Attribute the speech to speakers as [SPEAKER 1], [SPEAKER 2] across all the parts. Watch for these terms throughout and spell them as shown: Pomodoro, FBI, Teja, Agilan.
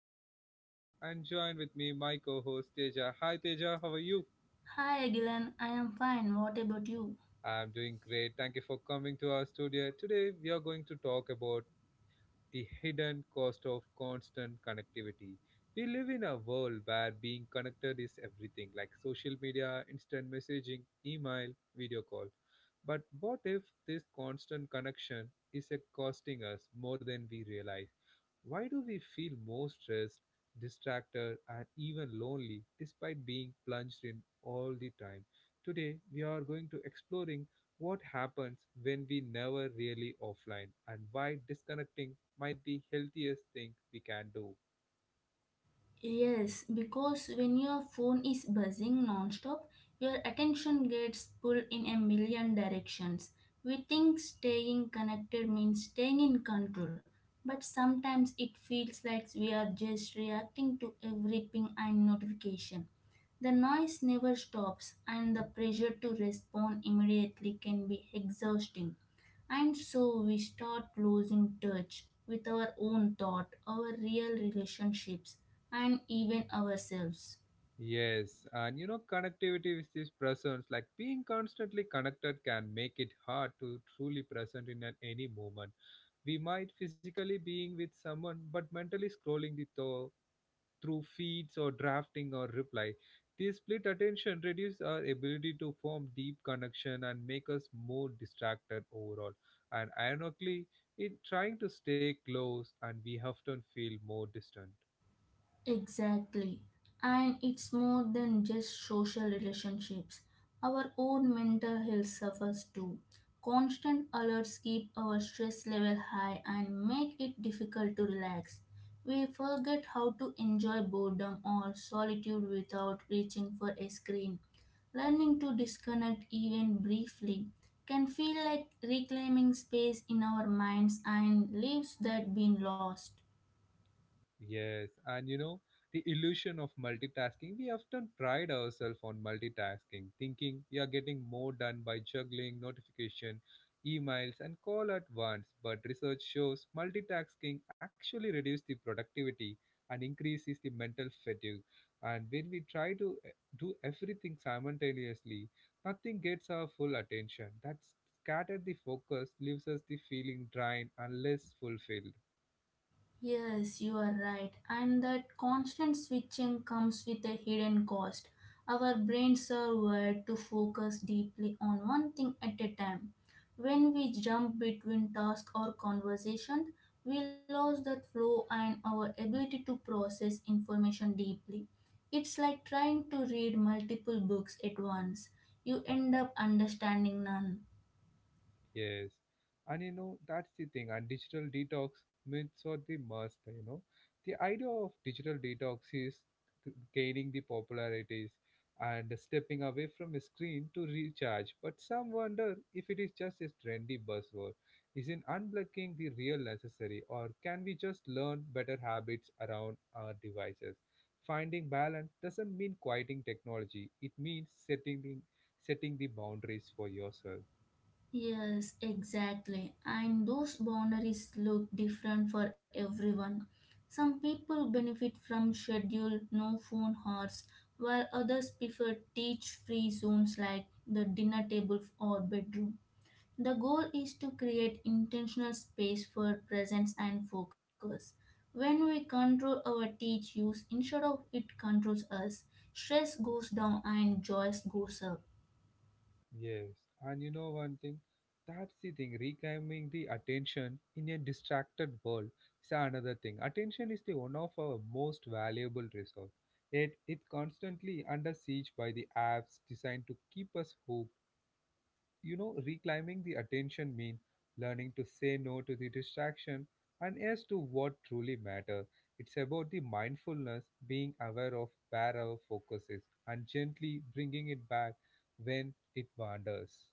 [SPEAKER 1] your host Agilan and join with me my co-host Teja. Hi Teja, how are you?
[SPEAKER 2] Hi Agilan, I am fine. What about you?
[SPEAKER 1] I'm doing great. Thank you for coming to our studio. Today we are going to talk about the hidden cost of constant connectivity. We live in a world where being connected is everything like social media, instant messaging, email, video call. But what if this constant connection is costing us more than we realize? Why do we feel more stressed, distracted, and even lonely despite being plunged in all the time? Today, we are going to exploring what happens when we never really offline and why disconnecting might be healthiest thing we can do.
[SPEAKER 2] Yes, because when your phone is buzzing non-stop, your attention gets pulled in a million directions. We think staying connected means staying in control, but sometimes it feels like we are just reacting to every ping and notification. The noise never stops, and the pressure to respond immediately can be exhausting. And so we start losing touch with our own thought, our real relationships, and even ourselves.
[SPEAKER 1] Yes, and you know connectivity with this presence, like being constantly connected can make it hard to truly present in any moment. We might physically being with someone but mentally scrolling the through feeds or drafting or reply. This split attention reduces our ability to form deep connection and make us more distracted overall. And ironically, in trying to stay close and we often feel more distant.
[SPEAKER 2] Exactly. And it's more than just social relationships. Our own mental health suffers too. Constant alerts keep our stress level high and make it difficult to relax. We forget how to enjoy boredom or solitude without reaching for a screen. Learning to disconnect even briefly can feel like reclaiming space in our minds and leaves that been lost.
[SPEAKER 1] Yes, and you know, the illusion of multitasking, we often pride ourselves on multitasking, thinking we are getting more done by juggling notification, emails, and call at once. But research shows multitasking actually reduces the productivity and increases the mental fatigue. And when we try to do everything simultaneously, nothing gets our full attention. That scattered the focus leaves us the feeling drained and less fulfilled.
[SPEAKER 2] Yes, you are right. And that constant switching comes with a hidden cost. Our brains are wired to focus deeply on one thing at a time. When we jump between task or conversation, we lose that flow and our ability to process information deeply. It's like trying to read multiple books at once. You end up understanding none.
[SPEAKER 1] Yes. And you know, that's the thing. And digital detox myths are the must, you know. The idea of digital detox is gaining the popularities and stepping away from a screen to recharge. But some wonder if it is just a trendy buzzword. Isn't unblocking the real necessary, or can we just learn better habits around our devices? Finding balance doesn't mean quieting technology. It means setting the boundaries for yourself.
[SPEAKER 2] Yes, exactly. And those boundaries look different for everyone. Some people benefit from scheduled no phone hours, while others prefer teach free zones like the dinner table or bedroom. The goal is to create intentional space for presence and focus. When we control our teach use instead of it controls us, stress goes down and joy goes up.
[SPEAKER 1] Yes, and you know one thing, that's the thing, reclaiming the attention in a distracted world is another thing. Attention is the one of our most valuable resource. Yet it constantly under siege by the apps designed to keep us hooked. You know, reclaiming the attention means learning to say no to the distraction and yes to what truly matter. It's about the mindfulness, being aware of where our focus is and gently bringing it back when it wanders.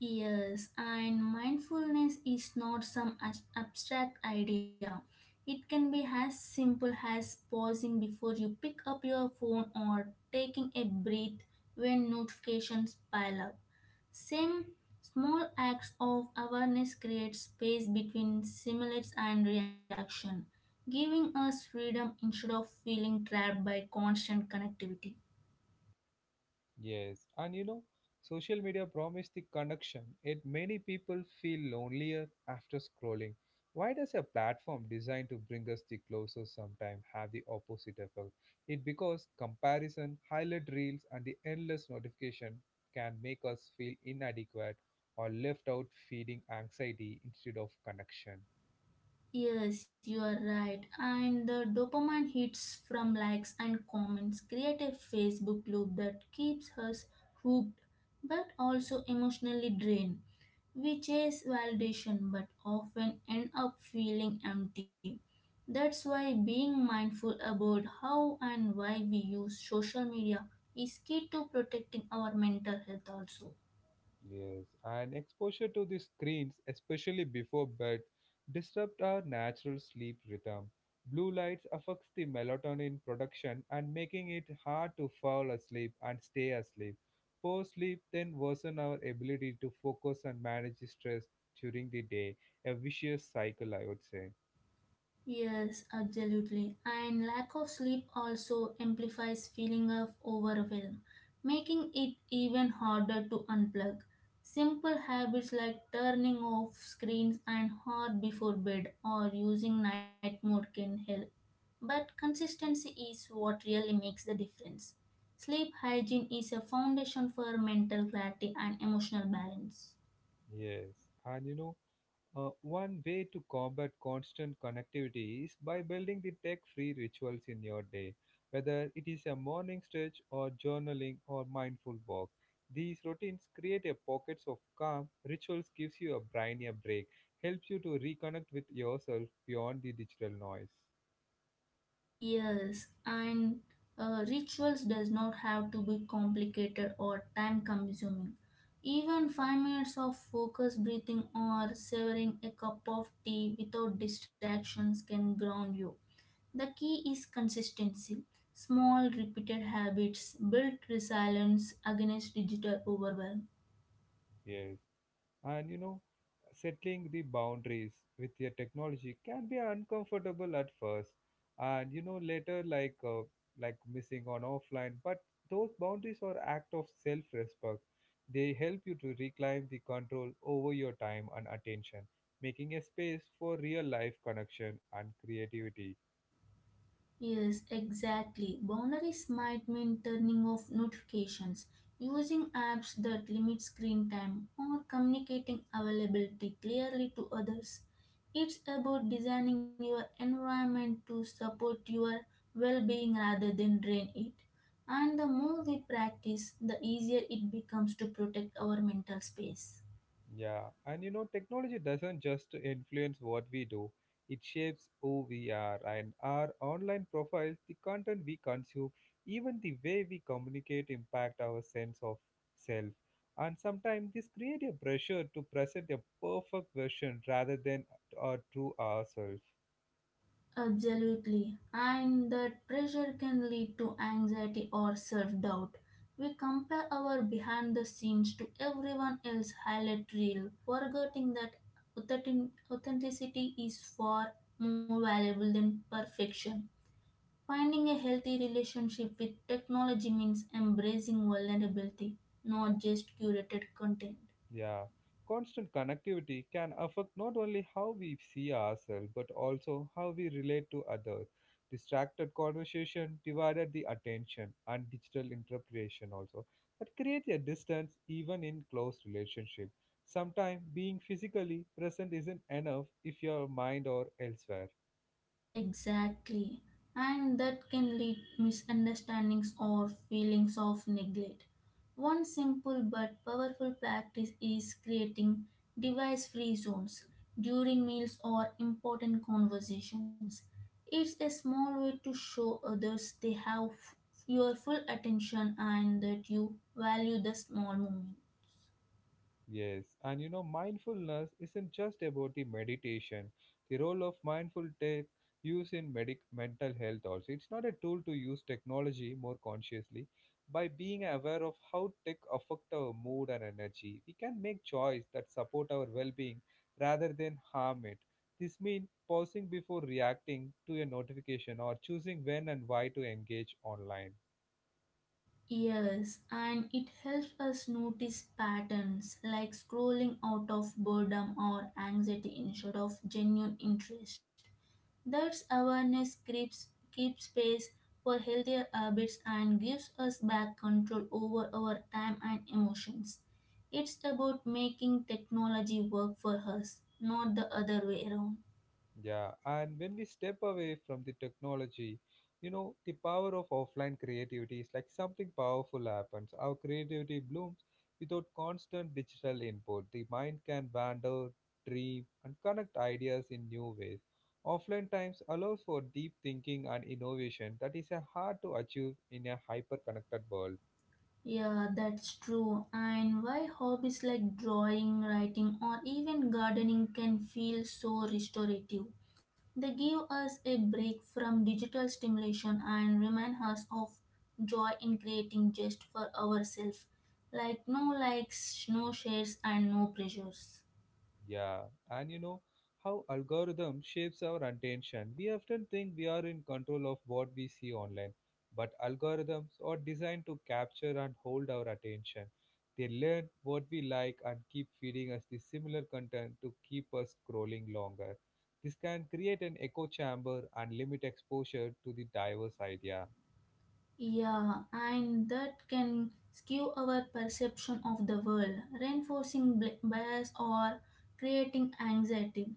[SPEAKER 2] Yes, and mindfulness is not abstract idea. It can be as simple as pausing before you pick up your phone or taking a breath when notifications pile up. Same small acts of awareness create space between stimulus and reaction, giving us freedom instead of feeling trapped by constant connectivity.
[SPEAKER 1] Yes, and you know, social media promised the connection, yet many people feel lonelier after scrolling. Why does a platform designed to bring us the closer sometimes have the opposite effect? It because comparison, highlight reels, and the endless notification can make us feel inadequate or left out, feeding anxiety instead of connection.
[SPEAKER 2] Yes, you are right. And the dopamine hits from likes and comments create a Facebook loop that keeps us hooked but also emotionally drained. We chase validation but often end up feeling empty. That's why being mindful about how and why we use social media is key to protecting our mental health also.
[SPEAKER 1] Yes, and exposure to the screens, especially before bed, disrupt our natural sleep rhythm. Blue lights affects the melatonin production and making it hard to fall asleep and stay asleep. Poor sleep then worsen our ability to focus and manage the stress during the day. A vicious cycle, I would say.
[SPEAKER 2] Yes, absolutely. And lack of sleep also amplifies feeling of overwhelm, making it even harder to unplug. Simple habits like turning off screens an hour before bed or using night mode can help. But consistency is what really makes the difference. Sleep hygiene is a foundation for mental clarity and emotional balance.
[SPEAKER 1] Yes, and you know, one way to combat constant connectivity is by building the tech free rituals in your day, whether it is a morning stretch or journaling or mindful walk. These routines create a pockets of calm. Rituals gives you a brain a break, helps you to reconnect with yourself beyond the digital noise.
[SPEAKER 2] Yes, and rituals does not have to be complicated or time consuming. Even 5 minutes of focused breathing or savoring a cup of tea without distractions can ground you. The key is consistency. Small repeated habits build resilience against digital overwhelm.
[SPEAKER 1] Yes. And you know, settling the boundaries with your technology can be uncomfortable at first, and you know later like missing on offline. But those boundaries are act of self-respect. They help you to reclaim the control over your time and attention, making a space for real life connection and creativity.
[SPEAKER 2] Yes, exactly. Boundaries might mean turning off notifications, using apps that limit screen time, or communicating availability clearly to others. It's about designing your environment to support your well being rather than drain it. And the more we practice, the easier it becomes to protect our mental space.
[SPEAKER 1] Yeah, and you know, technology doesn't just influence what we do, it shapes who we are and our online profiles, the content we consume, even the way we communicate impact our sense of self. And sometimes this creates a pressure to present a perfect version rather than our true ourselves.
[SPEAKER 2] Absolutely. And that pressure can lead to anxiety or self doubt. We compare our behind the scenes to everyone else's highlight reel, forgetting that authenticity is far more valuable than perfection. Finding a healthy relationship with technology means embracing vulnerability, not just curated content.
[SPEAKER 1] Yeah, constant connectivity can affect not only how we see ourselves but also how we relate to others. Distracted conversation divided the attention and digital interpretation also that creates a distance even in close relationship. Sometimes being physically present isn't enough if your mind or elsewhere.
[SPEAKER 2] Exactly. And that can lead misunderstandings or feelings of neglect. One simple but powerful practice is creating device-free zones during meals or important conversations. It's a small way to show others they have your full attention and that you value the small moment.
[SPEAKER 1] Yes, and you know, mindfulness isn't just about the meditation. The role of mindful tech use in medic mental health also. It's not a tool to use technology more consciously. By being aware of how tech affect our mood and energy, we can make choice that support our well-being rather than harm it. This means pausing before reacting to a notification or choosing when and why to engage online.
[SPEAKER 2] Yes, and it helps us notice patterns like scrolling out of boredom or anxiety instead of genuine interest. Thus, keeps space for healthier habits and gives us back control over our time and emotions. It's about making technology work for us, not the other way around.
[SPEAKER 1] Yeah, and when we step away from the technology, you know, the power of offline creativity is like something powerful happens. Our creativity blooms without constant digital input. The mind can wander, dream, and connect ideas in new ways. Offline times allows for deep thinking and innovation that is a hard to achieve in a hyper connected world.
[SPEAKER 2] Yeah, that's true. And why hobbies like drawing, writing, or even gardening can feel so restorative. They give us a break from digital stimulation and remind us of joy in creating just for ourselves. Like no likes, no shares, and no pressures.
[SPEAKER 1] Yeah, and you know how algorithm shapes our attention. We often think we are in control of what we see online, but algorithms are designed to capture and hold our attention. They learn what we like and keep feeding us the similar content to keep us scrolling longer. This can create an echo chamber and limit exposure to the diverse idea.
[SPEAKER 2] Yeah, and that can skew our perception of the world, reinforcing bias or creating anxiety.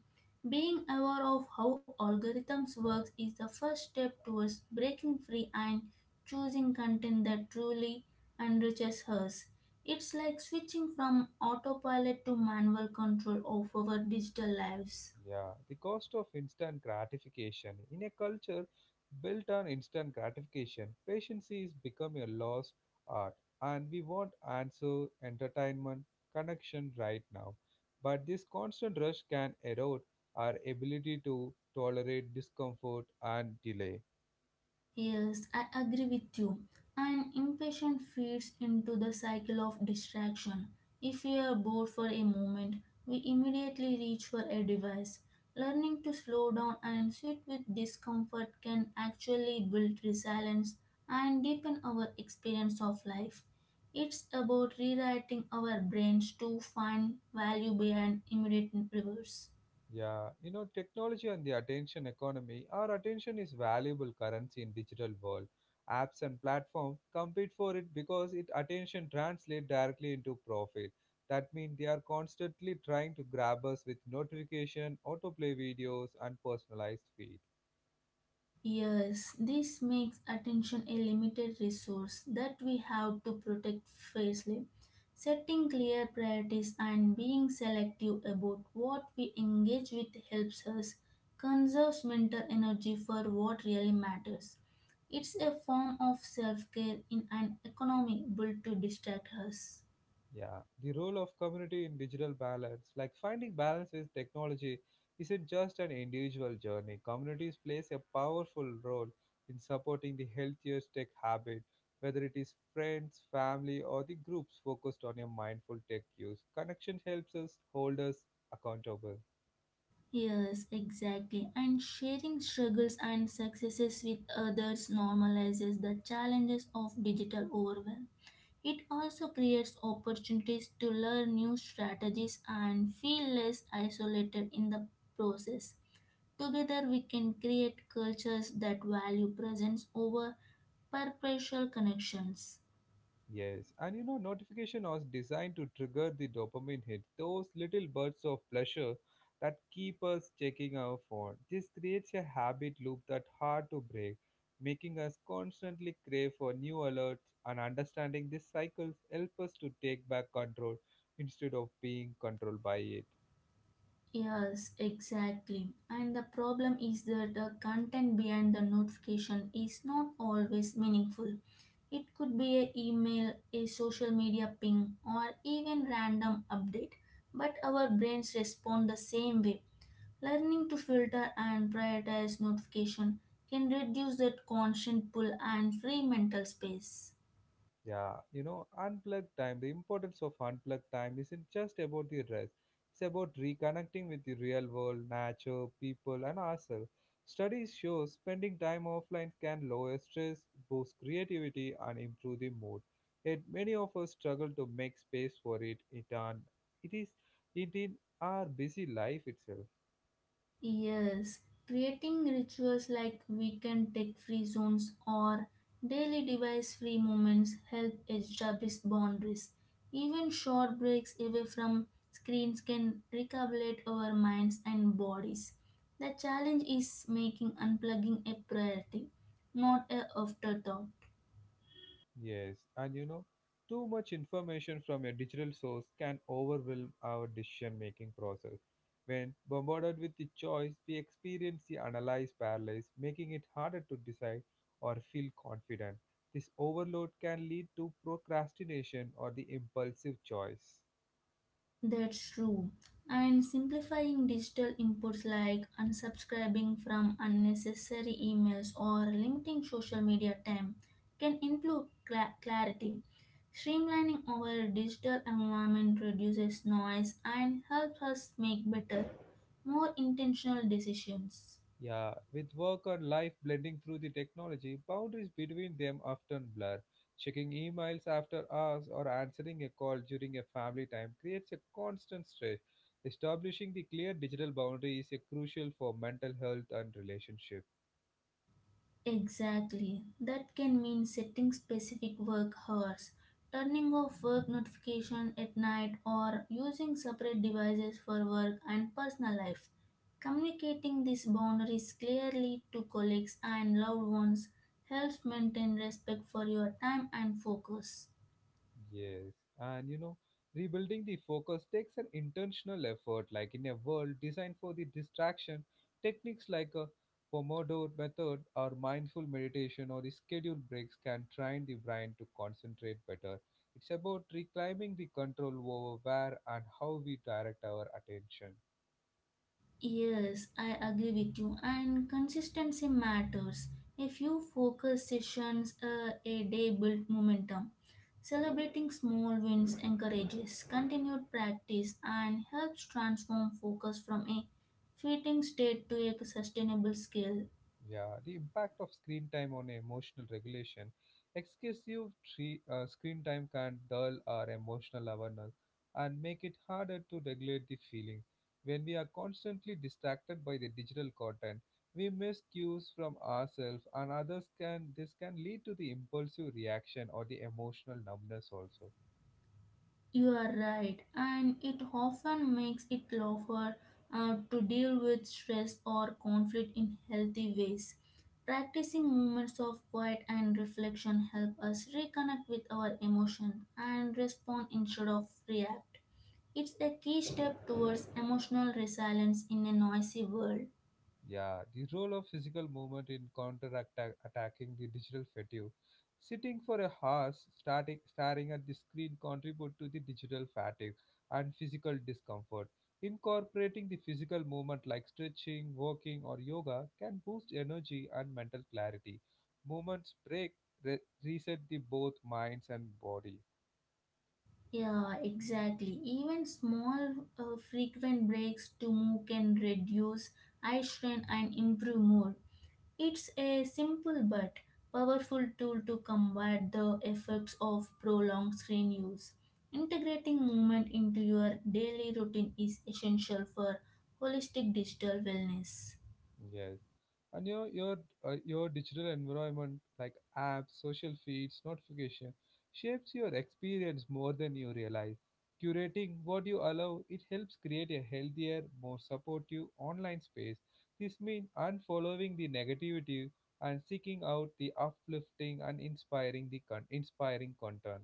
[SPEAKER 2] Being aware of how algorithms work is the first step towards breaking free and choosing content that truly enriches us. It's like switching from autopilot to manual control of our digital lives.
[SPEAKER 1] Yeah, the cost of instant gratification. In a culture built on instant gratification, patience is becoming a lost art, and we want answer, entertainment, connection right now. But this constant rush can erode our ability to tolerate discomfort and delay.
[SPEAKER 2] Yes, I agree with you. And impatience feeds into the cycle of distraction. If we are bored for a moment, we immediately reach for a device. Learning to slow down and sit with discomfort can actually build resilience and deepen our experience of life. It's about rewriting our brains to find value behind immediate rewards.
[SPEAKER 1] Yeah, you know, technology and the attention economy, our attention is valuable currency in digital world. Apps and platforms compete for it because it attention translate directly into profit. That means they are constantly trying to grab us with notification, autoplay videos, and personalized feed.
[SPEAKER 2] Yes, this makes attention a limited resource that we have to protect fiercely. Setting clear priorities and being selective about what we engage with helps us conserve mental energy for what really matters. It's a form of self care in an economy built to distract us.
[SPEAKER 1] Yeah, the role of community in digital balance, like finding balance with technology, isn't just an individual journey. Communities plays a powerful role in supporting the healthiest tech habit, whether it is friends, family, or the groups focused on a mindful tech use. Connection helps us hold us accountable.
[SPEAKER 2] Yes, exactly. And sharing struggles and successes with others normalizes the challenges of digital overwhelm. It also creates opportunities to learn new strategies and feel less isolated in the process. Together, we can create cultures that value presence over perpetual connections.
[SPEAKER 1] Yes, and you know, notification was designed to trigger the dopamine hit, those little bursts of pleasure that keep us checking our phone. This creates a habit loop that's hard to break, making us constantly crave for new alerts and understanding these cycles help us to take back control instead of being controlled by it.
[SPEAKER 2] Yes, exactly. And the problem is that the content behind the notification is not always meaningful. It could be an email, a social media ping, or even random update. But our brains respond the same way. Learning to filter and prioritize notification can reduce that constant pull and free mental space.
[SPEAKER 1] Yeah, you know, unplugged time. The importance of unplugged time isn't just about the rest. It's about reconnecting with the real world, nature, people, and ourselves. Studies show spending time offline can lower stress, boost creativity, and improve the mood. Yet many of us struggle to make space for it. It, and it is it in our busy life itself.
[SPEAKER 2] Yes, creating rituals like weekend tech-free zones or daily device-free moments help establish boundaries. Even short breaks away from screens can recalibrate our minds and bodies. The challenge is making unplugging a priority, not a afterthought.
[SPEAKER 1] Yes, and you know, too much information from a digital source can overwhelm our decision making process. When bombarded with the choice, we experience the analyze paralysis, making it harder to decide or feel confident. This overload can lead to procrastination or the impulsive choice.
[SPEAKER 2] That's true. And simplifying digital inputs like unsubscribing from unnecessary emails or limiting social media time can improve clarity. Streamlining our digital environment reduces noise and helps us make better, more intentional decisions.
[SPEAKER 1] Yeah, with work and life blending through the technology, boundaries between them often blur. Checking emails after hours or answering a call during a family time creates a constant stress. Establishing the clear digital boundary is a crucial for mental health and relationship.
[SPEAKER 2] Exactly. That can mean setting specific work hours, turning off work notification at night or using separate devices for work and personal life. Communicating these boundaries clearly to colleagues and loved ones helps maintain respect for your time and focus.
[SPEAKER 1] Yes, and you know, rebuilding the focus takes an intentional effort. Like in a world designed for the distraction, techniques like a Pomodoro method or mindful meditation or the scheduled breaks can train the brain to concentrate better. It's about reclaiming the control over where and how we direct our attention.
[SPEAKER 2] Yes, I agree with you. And consistency matters. A few focus sessions a day build momentum. Celebrating small wins encourages continued practice and helps transform focus from a fleeting state to a sustainable skill.
[SPEAKER 1] Yeah, the impact of screen time on emotional regulation. Screen time can dull our emotional awareness and make it harder to regulate the feeling. When we are constantly distracted by the digital content, we miss cues from ourselves and others can this can lead to the impulsive reaction or the emotional numbness also.
[SPEAKER 2] You are right, and it often makes it tougher to deal with stress or conflict in healthy ways. Practicing moments of quiet and reflection help us reconnect with our emotion and respond instead of react. It's a key step towards emotional resilience in a noisy world.
[SPEAKER 1] Yeah, the role of physical movement in counter-attacking the digital fatigue. Sitting for a hours, starting, staring at the screen contribute to the digital fatigue and physical discomfort. Incorporating the physical movement like stretching, walking, or yoga can boost energy and mental clarity. Movements break, reset the both minds and body.
[SPEAKER 2] Yeah, exactly. Even small, uh, frequent breaks to move can reduce eye strain and improve mood. It's a simple but powerful tool to combat the effects of prolonged screen use. Integrating movement into your daily routine is essential for holistic digital wellness.
[SPEAKER 1] Yes. And your digital environment like apps, social feeds, notification shapes your experience more than you realize. Curating what you allow it helps create a healthier, more supportive online space. This means unfollowing the negativity and seeking out the uplifting and inspiring inspiring content.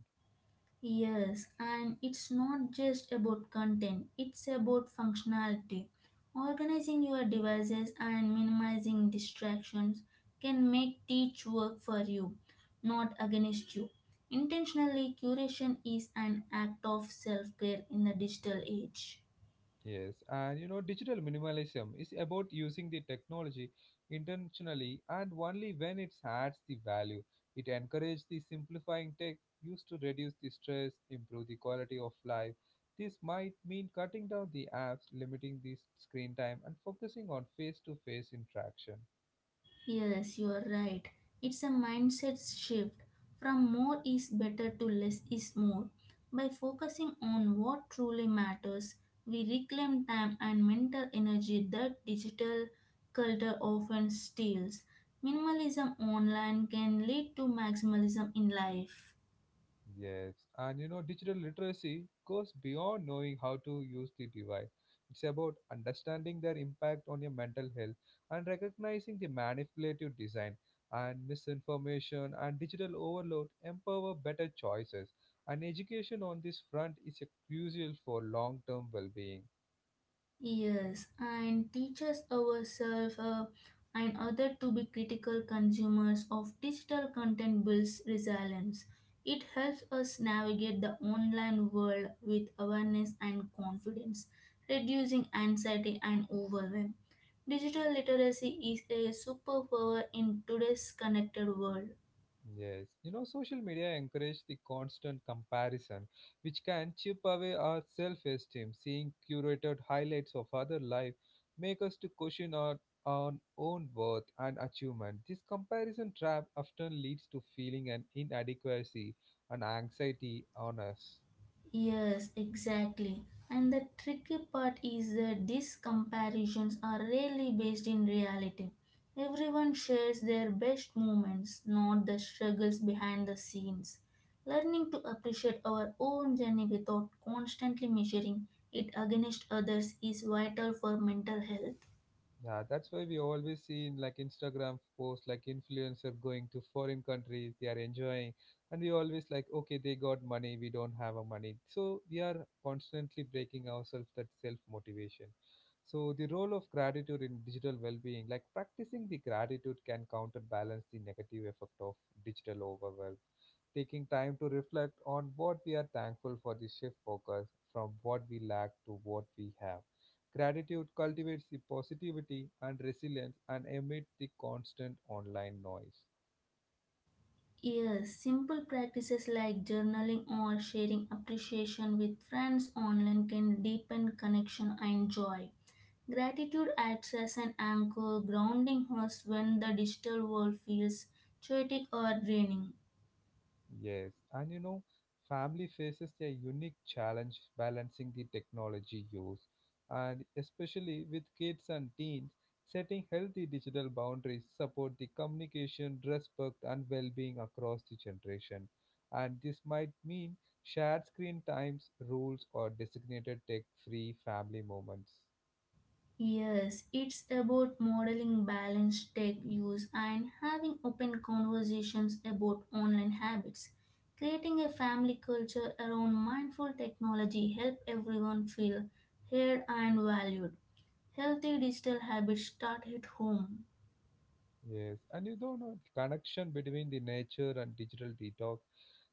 [SPEAKER 2] Yes, and it's not just about content, it's about functionality. Organizing your devices and minimizing distractions can make teach work for you, not against you. Intentionally, curation is an act of self care in the digital age.
[SPEAKER 1] Yes, and you know, digital minimalism is about using the technology intentionally and only when it adds the value. It encourages the simplifying tech used to reduce the stress, improve the quality of life. This might mean cutting down the apps, limiting the screen time, and focusing on face to face interaction.
[SPEAKER 2] Yes, you are right. It's a mindset shift from more is better to less is more. By focusing on what truly matters, we reclaim time and mental energy that digital culture often steals. Minimalism online can lead to maximalism in life.
[SPEAKER 1] Digital literacy goes beyond knowing how to use the device. It's about understanding their impact on your mental health and recognizing the manipulative design and misinformation and digital overload empower better choices. And education on this front is a crucial for long term well being.
[SPEAKER 2] Yes, and teaches ourselves and other to be critical consumers of digital content builds resilience. It helps us navigate the online world with awareness and confidence, reducing anxiety and overwhelm. Digital literacy is a superpower in today's connected world.
[SPEAKER 1] Social media encourage the constant comparison, which can chip away our self-esteem. Seeing curated highlights of other life make us to question our own worth and achievement. This comparison trap often leads to feeling an inadequacy and anxiety on us.
[SPEAKER 2] Yes, exactly. And the tricky part is that these comparisons are rarely based in reality. Everyone shares their best moments, not the struggles behind the scenes. Learning to appreciate our own journey without constantly measuring it against others is vital for mental health.
[SPEAKER 1] Yeah, that's why we always see in like Instagram posts like influencer going to foreign countries, they are enjoying, and we always like, okay, they got money, we don't have a money. So we are constantly breaking ourselves that self motivation. So the role of gratitude in digital well-being, like practicing the gratitude can counterbalance the negative effect of digital overwhelm taking time to reflect on what we are thankful for the shift focus from what we lack to what we have. Gratitude cultivates the positivity and resilience and amid the constant online noise.
[SPEAKER 2] Yes, simple practices like journaling or sharing appreciation with friends online can deepen connection and joy. Gratitude acts as an anchor, grounding us when the digital world feels chaotic or draining.
[SPEAKER 1] Yes, and you know, Family faces a unique challenge balancing the technology use, and especially with kids and teens, setting healthy digital boundaries support the communication, respect, and well-being across the generation. And this might mean shared screen times, rules, or designated tech-free family moments.
[SPEAKER 2] Yes, it's about modeling balanced tech use and having open conversations about online habits. Creating a family culture around mindful technology help everyone feel heard and valued. Healthy digital habits start at home.
[SPEAKER 1] Yes, and you don't know the connection between the nature and digital detox.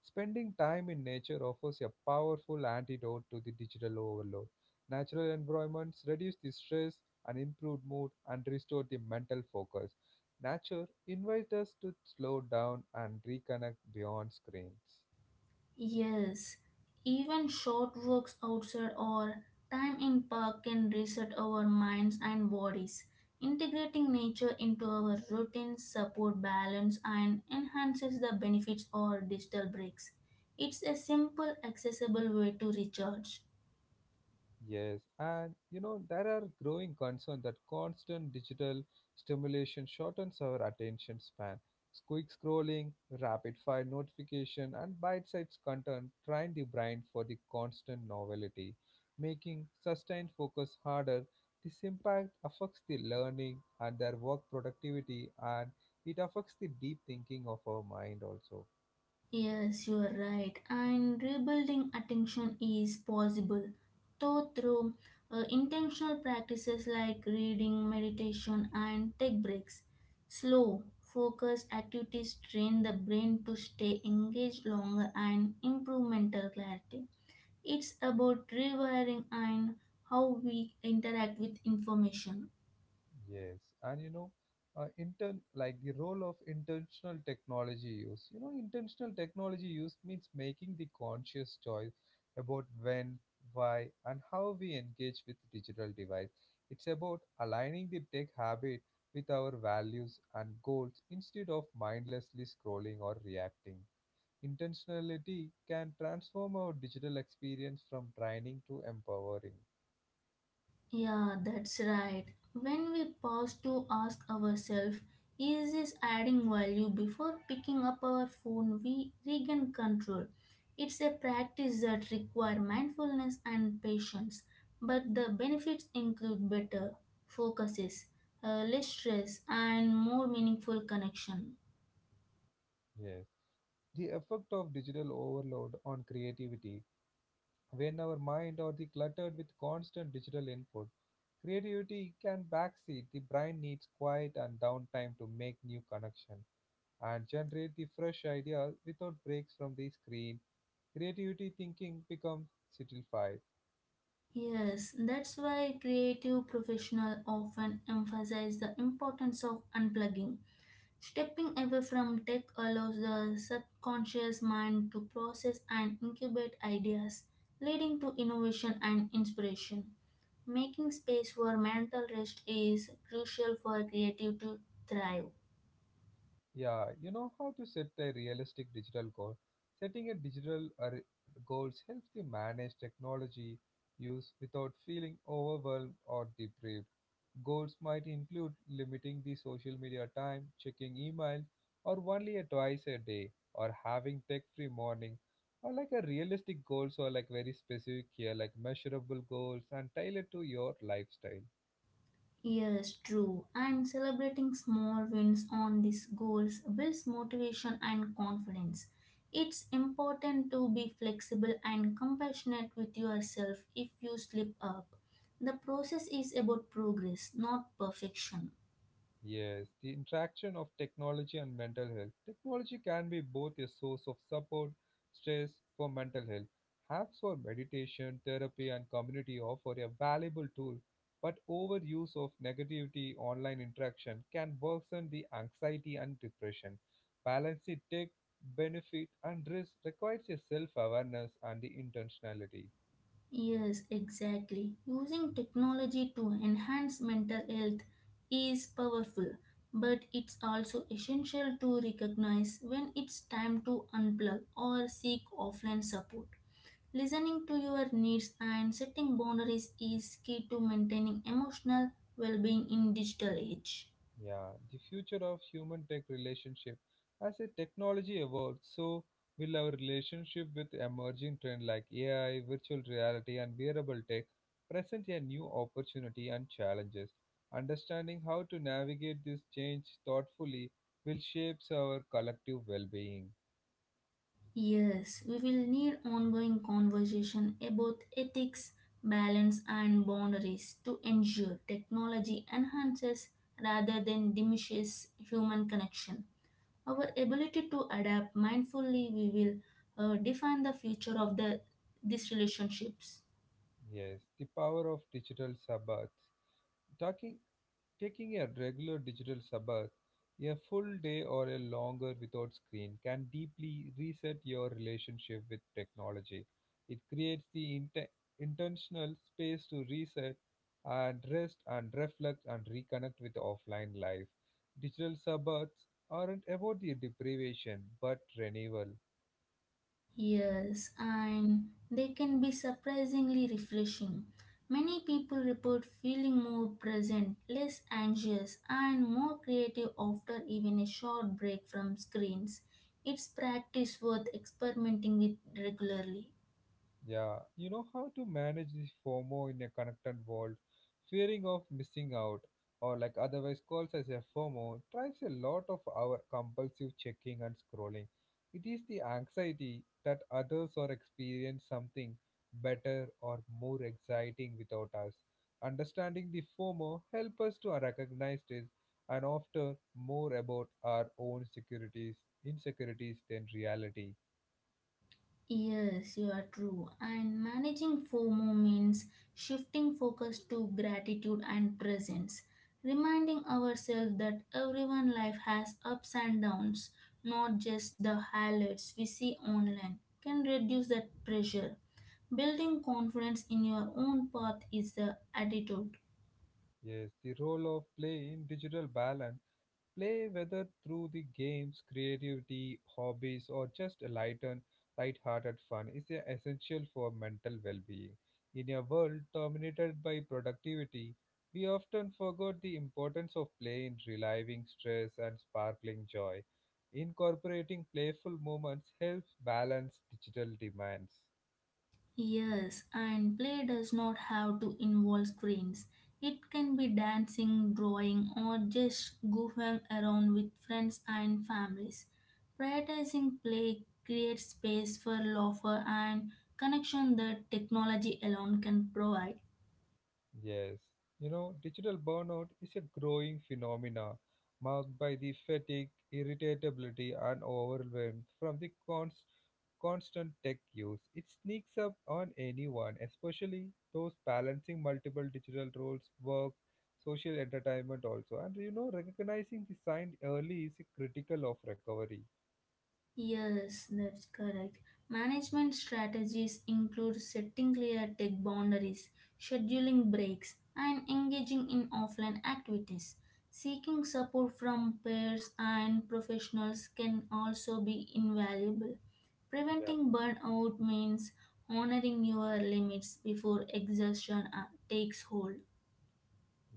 [SPEAKER 1] Spending time in nature offers a powerful antidote to the digital overload. Natural environments reduce the stress and improve mood and restore the mental focus. Nature invites us to slow down and reconnect beyond screens.
[SPEAKER 2] Yes, even short walks outside or time in park can reset our minds and bodies. Integrating nature into our routines support balance and enhances the benefits of digital breaks. It's a simple, accessible way to recharge.
[SPEAKER 1] There are growing concerns that constant digital stimulation shortens our attention span. Quick scrolling, rapid fire notification, and bite sized content train the brain for the constant novelty, making sustained focus harder. This impact affects the learning and their work productivity, and it affects the deep thinking of our mind also.
[SPEAKER 2] Yes, you are right. And rebuilding attention is possible, though through intentional practices like reading, meditation, and take breaks. Slow, focused activities train the brain to stay engaged longer and improve mental clarity. It's about rewiring and how we interact with information.
[SPEAKER 1] Yes, and you know, intern Like the role of intentional technology use. You know, intentional technology use means making the conscious choice about when, why, and how we engage with digital device. It's about aligning the tech habit with our values and goals instead of mindlessly scrolling or reacting. Intentionality can transform our digital experience from training to empowering.
[SPEAKER 2] Yeah, that's right. When we pause to ask ourselves, is this adding value before picking up our phone, we regain control. It's a practice that requires mindfulness and patience, but the benefits include better focuses, less stress, and more meaningful connection.
[SPEAKER 1] Yes. The effect of digital overload on creativity. When our mind are the cluttered with constant digital input, creativity can backseat. The brain needs quiet and downtime to make new connection and generate the fresh ideas without breaks from the screen. Creativity thinking becomes stilted.
[SPEAKER 2] Yes, that's why creative professionals often emphasize the importance of unplugging. Stepping away from tech allows the subconscious mind to process and incubate ideas, leading to innovation and inspiration. Making space for mental rest is crucial for creative to thrive.
[SPEAKER 1] Yeah, you know how to set a realistic digital goal. Setting a digital goals helps you manage technology use without feeling overwhelmed or deprived. Goals might include limiting the social media time, checking email, or only a twice a day, or having tech-free morning, or like a realistic goals or like very specific here, like measurable goals and tailored to your lifestyle.
[SPEAKER 2] Yes, true. And celebrating small wins on these goals builds motivation and confidence. It's important to be flexible and compassionate with yourself if you slip up. The process is about progress, not perfection.
[SPEAKER 1] Yes, the interaction of technology and mental health. Technology can be both a source of support, stress for mental health. Apps for meditation, therapy, and community offer a valuable tool, but overuse of negativity online interaction can worsen the anxiety and depression. Balancing tech benefit and risk requires a self awareness and the intentionality.
[SPEAKER 2] Yes, exactly. Using technology to enhance mental health is powerful, but it's also essential to recognize when it's time to unplug or seek offline support. Listening to your needs and setting boundaries is key to maintaining emotional well-being in digital age.
[SPEAKER 1] Yeah, the future of human tech relationship. As a technology evolves, so will our relationship with emerging trends like AI, virtual reality, and wearable tech present a new opportunity and challenges. Understanding how to navigate this change thoughtfully will shape our collective well-being.
[SPEAKER 2] Yes, we will need ongoing conversation about ethics, balance and boundaries to ensure technology enhances rather than diminishes human connection. Our ability to adapt mindfully we will define the future of the these relationships.
[SPEAKER 1] Yes, the power of digital sabbaths. Talking Taking a regular digital Sabbath, a full day or a longer without screen, can deeply reset your relationship with technology. It creates the intentional space to reset and rest and reflect and reconnect with offline life. Digital Sabbaths aren't about the deprivation but renewal.
[SPEAKER 2] Yes, and they can be surprisingly refreshing. Many people report feeling more present, less anxious, and more creative after even a short break from screens. It's practice worth experimenting with regularly.
[SPEAKER 1] Yeah, you know how to manage this FOMO in a connected world, fearing of missing out, or like otherwise calls as a FOMO, drives a lot of our compulsive checking and scrolling. It is the anxiety that others are experience something better or more exciting without us. Understanding the FOMO help us to recognize this and often more about our own insecurities than reality.
[SPEAKER 2] Yes, you are true. And managing FOMO means shifting focus to gratitude and presence, reminding ourselves that everyone life has ups and downs, not just the highlights we see online, can reduce that pressure. Building confidence in your own path is the attitude.
[SPEAKER 1] Yes, the role of play in digital balance. Play, whether through the games, creativity, hobbies, or just a light-hearted fun, is essential for mental well-being. In a world dominated by productivity, we often forget the importance of play in relieving stress and sparkling joy. Incorporating playful moments helps balance digital demands.
[SPEAKER 2] Yes, and play does not have to involve screens. It can be dancing, drawing, or just goofing around with friends and families. Prioritizing play creates space for laughter and connection that technology alone can provide.
[SPEAKER 1] Yes, Digital burnout is a growing phenomena marked by the fatigue, irritability, and overwhelm from the constant tech use. It sneaks up on anyone, especially those balancing multiple digital roles, work, social entertainment also. And you know, recognizing the sign early is critical of recovery.
[SPEAKER 2] Yes, that's correct. Management strategies include setting clear tech boundaries, scheduling breaks, and engaging in offline activities. Seeking support from peers and professionals can also be invaluable. Preventing burnout means honoring your limits before exhaustion takes hold.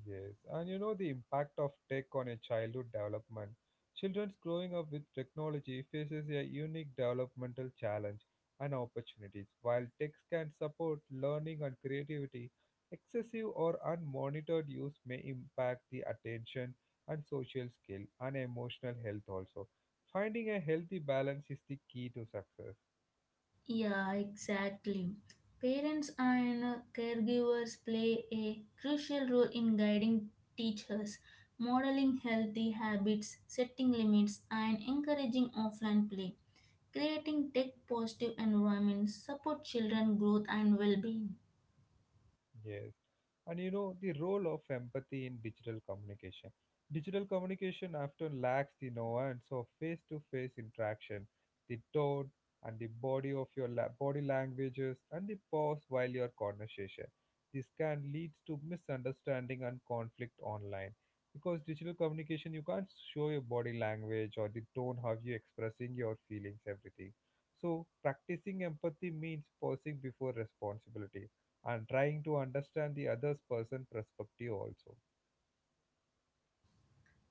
[SPEAKER 1] Yes, and you know the impact of tech on a childhood development. Children's growing up with technology faces a unique developmental challenge and opportunities. While techs can support learning and creativity, excessive or unmonitored use may impact the attention and social skill and emotional health also. Finding a healthy balance is the key to success.
[SPEAKER 2] Yeah, exactly. Parents and caregivers play a crucial role in guiding teachers, modeling healthy habits, setting limits, and encouraging offline play. Creating tech positive environments support children growth and well-being.
[SPEAKER 1] Yes. And you know, the role of empathy in digital communication. Digital communication often lacks the nuance of face to face interaction, the tone and the body of your la- body languages, and the pause while your conversation. This can lead to misunderstanding and conflict online. Because digital communication, you can't show your body language or the tone how you expressing your feelings, everything. So, practicing empathy means pausing before responsibility and trying to understand the other's person perspective also.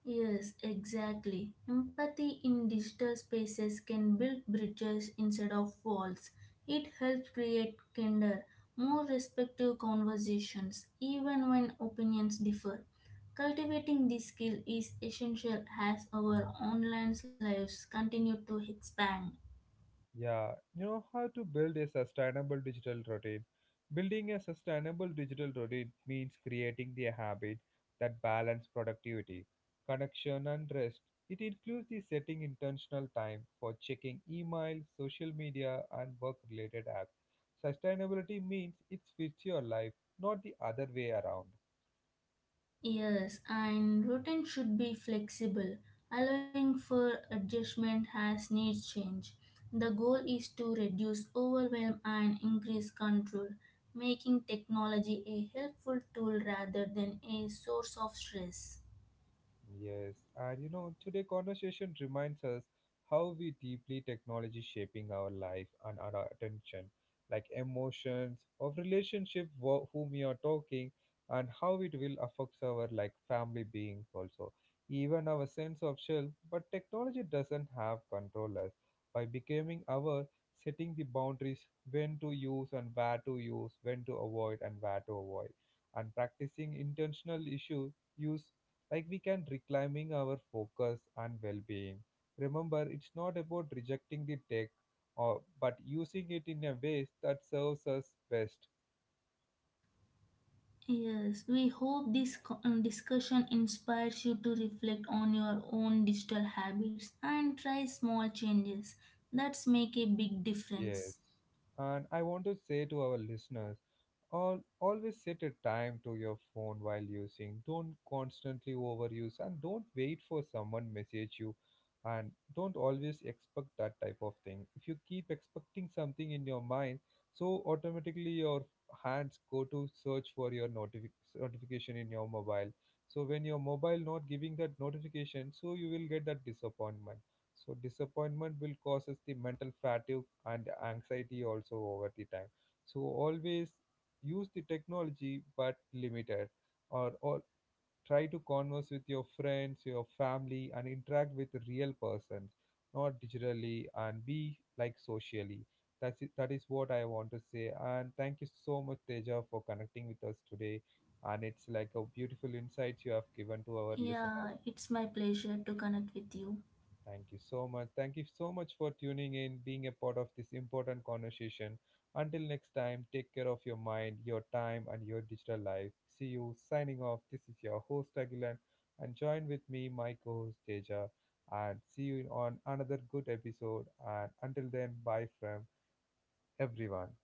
[SPEAKER 2] Yes, exactly. Empathy in digital spaces can build bridges instead of walls. It helps create kinder, more respectful conversations, even when opinions differ. Cultivating this skill is essential as our online lives continue to expand.
[SPEAKER 1] Yeah, you know how to build a sustainable digital routine. Building a sustainable digital routine means creating the habit that balance productivity, connection and rest. It includes the setting intentional time for checking email, social media and work related apps. Sustainability means it fits your life, not the other way around.
[SPEAKER 2] Yes, and routine should be flexible, allowing for adjustment as needs change. The goal is to reduce overwhelm and increase control, making technology a helpful tool rather than a source of stress.
[SPEAKER 1] Today conversation reminds us how we deeply technology shaping our life and our attention, like emotions, of relationship whom we are talking, and how it will affect our like family beings also, even our sense of self. But technology doesn't have control us by becoming our setting the boundaries when to use and where to use, when to avoid and where to avoid, and practicing intentional issue use like we can reclaiming our focus and well-being. Remember, it's not about rejecting the tech or but using it in a way that serves us best.
[SPEAKER 2] Yes, we hope this discussion inspires you to reflect on your own digital habits and try small changes that make a big difference.
[SPEAKER 1] Yes, and I want to say to our listeners, Al always set a time to your phone while using. Don't constantly overuse and don't wait for someone message you, and don't always expect that type of thing. If you keep expecting something in your mind, so automatically your hands go to search for your notification in your mobile. So when your mobile not giving that notification, so you will get that disappointment. So disappointment will causes the mental fatigue and anxiety also over the time. So always use the technology but limited or try to converse with your friends your family and interact with real persons, not digitally and be like socially. That's it, that is what I want to say. And thank you so much, Teja, for connecting with us today, and it's like a beautiful insight you have given to our
[SPEAKER 2] Yeah,
[SPEAKER 1] listeners.
[SPEAKER 2] it's my pleasure to connect with you.
[SPEAKER 1] Thank you so much. Thank you so much for tuning in, being a part of this important conversation. Until next time, take care of your mind, your time, and your digital life. See you. Signing off. This is your host, Agilan, and join with me, my co host, Deja. And see you on another good episode. And until then, bye from everyone.